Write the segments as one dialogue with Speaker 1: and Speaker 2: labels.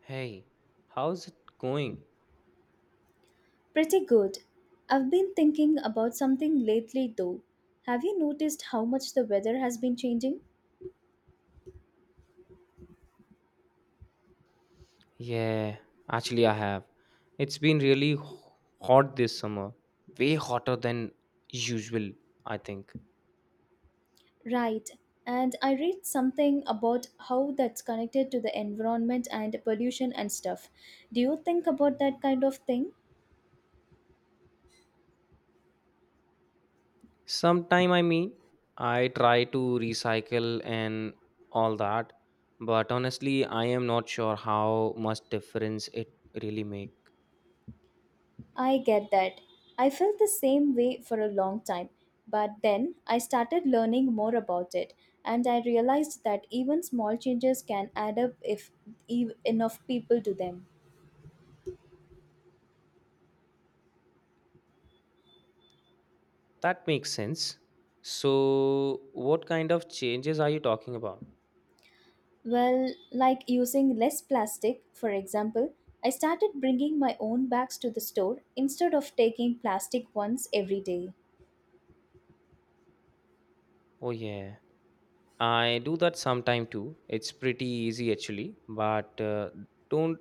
Speaker 1: Hey, how's it going?
Speaker 2: Pretty good. I've been thinking about something lately though. Have you noticed how much the weather has been changing?
Speaker 1: Yeah, actually, I have. It's been really hot this summer, way hotter than usual, I think.
Speaker 2: Right. And I read something about how that's connected to the environment and pollution and stuff. Do you think about that kind of thing?
Speaker 1: Sometime, I mean, I try to recycle and all that, but honestly, I am not sure how much difference it really make.
Speaker 2: I get that. I felt the same way for a long time. But then I started learning more about it and I realized that even small changes can add up if enough people do them.
Speaker 1: That makes sense. So, what kind of changes are you talking about?
Speaker 2: Well, like using less plastic, for example, I started bringing my own bags to the store instead of taking plastic ones every day.
Speaker 1: Oh yeah. I do that sometime too. It's pretty easy actually, but don't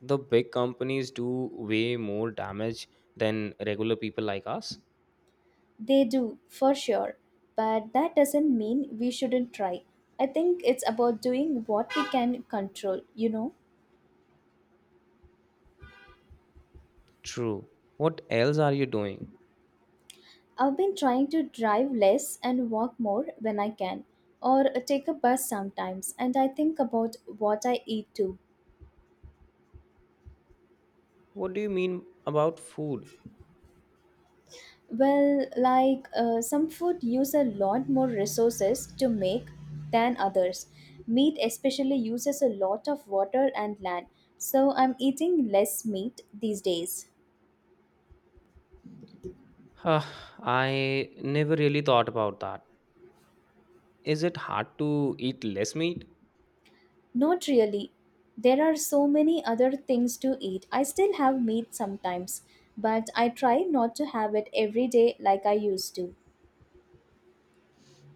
Speaker 1: the big companies do way more damage than regular people like us?
Speaker 2: They do, for sure, but that doesn't mean we shouldn't try. I think it's about doing what we can control, you know.
Speaker 1: True. What else are you doing?
Speaker 2: I've been trying to drive less and walk more when I can, or take a bus sometimes, and I think about what I eat too.
Speaker 1: What do you mean about food?
Speaker 2: Well, like some food use a lot more resources to make than others. Meat especially uses a lot of water and land. So I'm eating less meat these days.
Speaker 1: Huh, I never really thought about that. Is it hard to eat less meat?
Speaker 2: Not really. There are so many other things to eat. I still have meat sometimes, but I try not to have it every day like I used to.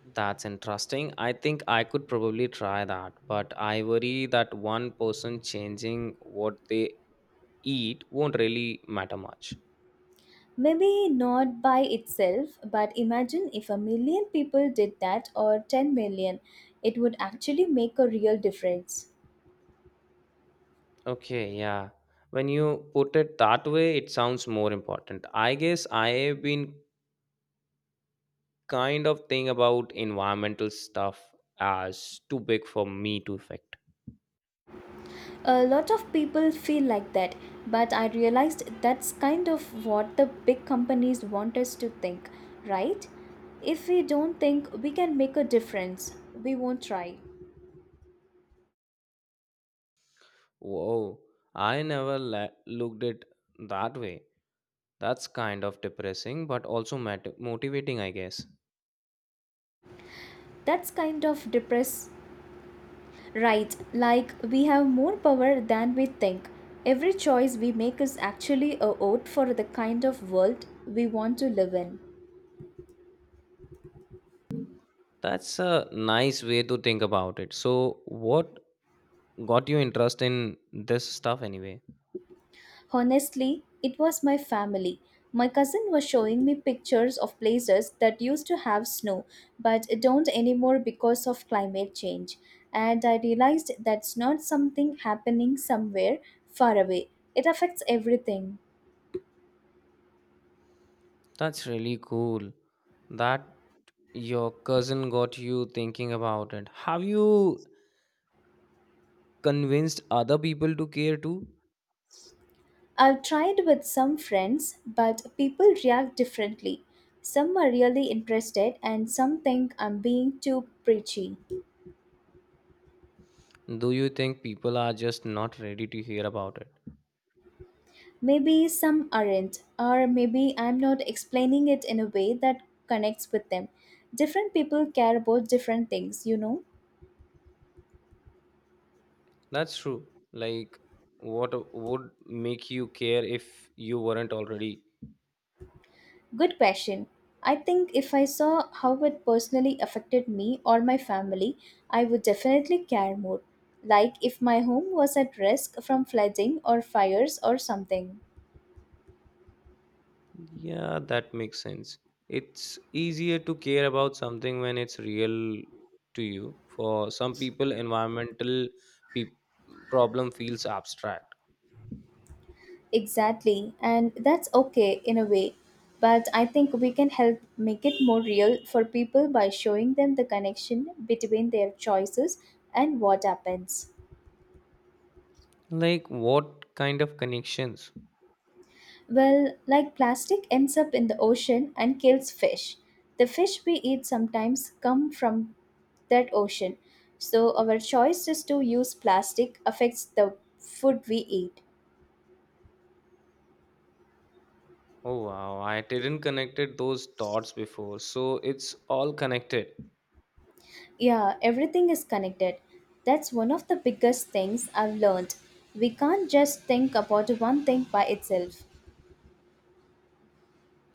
Speaker 1: That's interesting. I think I could probably try that, but I worry that one person changing what they eat won't really matter much.
Speaker 2: Maybe not by itself, but imagine if a million people did that or 10 million, it would actually make a real difference.
Speaker 1: Okay, yeah. When you put it that way, it sounds more important. I guess I have been kind of thinking about environmental stuff as too big for me to affect.
Speaker 2: A lot of people feel like that, but I realized that's kind of what the big companies want us to think, right? If we don't think we can make a difference, we won't try.
Speaker 1: Whoa, I never looked it that way. That's kind of depressing, but also motivating, I guess.
Speaker 2: That's kind of depress Right, like we have more power than we think. Every choice we make is actually a vote for the kind of world we want to live in.
Speaker 1: That's a nice way to think about it. So, what got you interest in this stuff anyway?
Speaker 2: Honestly, it was my family. My cousin was showing me pictures of places that used to have snow but don't anymore because of climate change. And I realized that's not something happening somewhere far away. It affects everything.
Speaker 1: That's really cool that your cousin got you thinking about it. Have you convinced other people to care too?
Speaker 2: I've tried with some friends, but people react differently. Some are really interested, and some think I'm being too preachy.
Speaker 1: Do you think people are just not ready to hear about it?
Speaker 2: Maybe some aren't, or maybe I'm not explaining it in a way that connects with them. Different people care about different things, you know?
Speaker 1: That's true. Like, what would make you care if you weren't already?
Speaker 2: Good question. I think if I saw how it personally affected me or my family, I would definitely care more. Like if my home was at risk from flooding or fires or something.
Speaker 1: Yeah, that makes sense. It's easier to care about something when it's real to you. For some people, environmental pe- problem feels abstract.
Speaker 2: Exactly, and that's okay in a way. But I think we can help make it more real for people by showing them the connection between their choices and what happens.
Speaker 1: Like what kind of connections?
Speaker 2: Well, like plastic ends up in the ocean and kills fish. The fish we eat sometimes come from that ocean. So our choice is to use plastic affects the food we eat.
Speaker 1: Oh wow, I didn't connected those dots before. So it's all connected.
Speaker 2: Yeah, everything is connected. That's one of the biggest things I've learned. We can't just think about one thing by itself.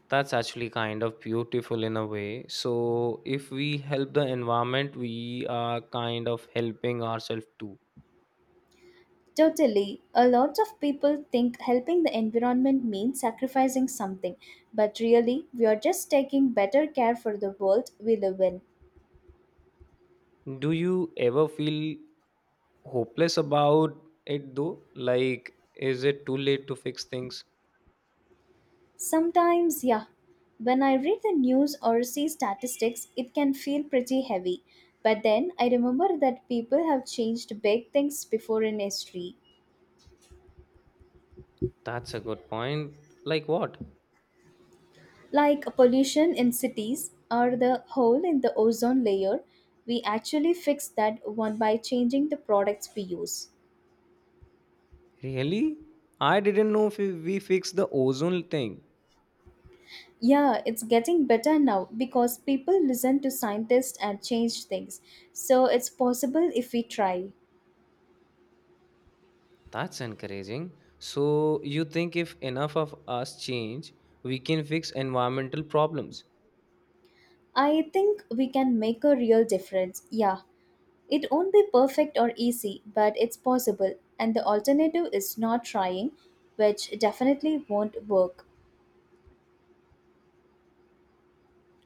Speaker 1: That's actually kind of beautiful in a way. So if we help the environment, we are kind of helping ourselves too.
Speaker 2: Totally. A lot of people think helping the environment means sacrificing something, but really, we are just taking better care for the world we live in.
Speaker 1: Do you ever feel hopeless about it though? Like is it too late to fix things?
Speaker 2: Sometimes, yeah, when I read the news or see statistics, it can feel pretty heavy. But then I remember that people have changed big things before in history.
Speaker 1: That's a good point. Like what?
Speaker 2: Like pollution in cities or the hole in the ozone layer, we actually fix that one by changing the products we use.
Speaker 1: Really? I didn't know if we fixed the ozone thing.
Speaker 2: Yeah, it's getting better now because people listen to scientists and change things, so it's possible if we try.
Speaker 1: That's encouraging. So, you think if enough of us change, we can fix environmental problems?
Speaker 2: I think we can make a real difference, yeah. It won't be perfect or easy, but it's possible, and the alternative is not trying, which definitely won't work.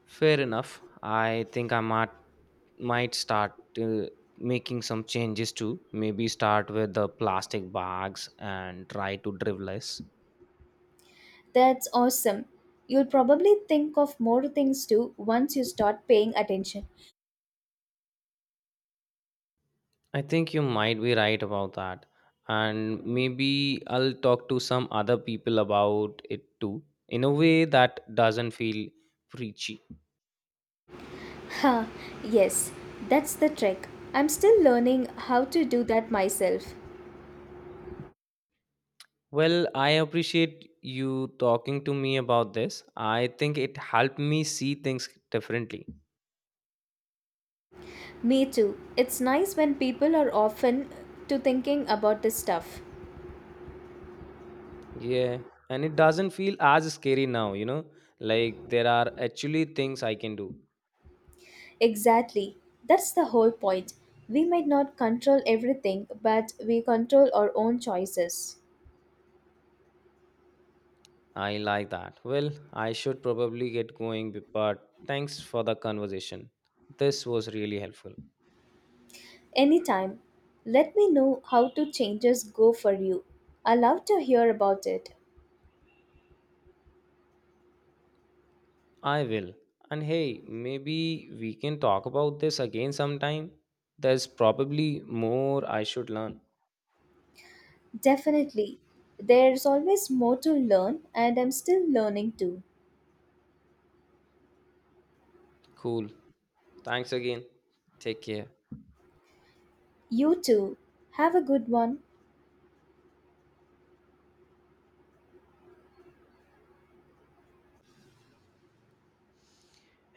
Speaker 1: Fair enough. I think I might start uh, making some changes too. Maybe start with the plastic bags and try to drive less.
Speaker 2: That's awesome. You'll probably think of more things too once you start paying attention.
Speaker 1: I think you might be right about that. And maybe I'll talk to some other people about it too, in a way that doesn't feel preachy.
Speaker 2: Ha, yes, that's the trick. I'm still learning how to do that myself.
Speaker 1: Well, I appreciate you talking to me about this. I think it helped me see things differently.
Speaker 2: Me too. It's nice when people are often to thinking about this stuff.
Speaker 1: Yeah, and it doesn't feel as scary now, you know? Like there are actually things I can do.
Speaker 2: Exactly. That's the whole point. We might not control everything, but we control our own choices.
Speaker 1: I like that. Well, I should probably get going, but thanks for the conversation. This was really helpful.
Speaker 2: Anytime. Let me know how to changes go for you. I love to hear about it.
Speaker 1: I will. And hey, maybe we can talk about this again sometime. There's probably more I should learn.
Speaker 2: Definitely. There's always more to learn, and I'm still learning too.
Speaker 1: Cool. Thanks again. Take care.
Speaker 2: You too. Have a good one.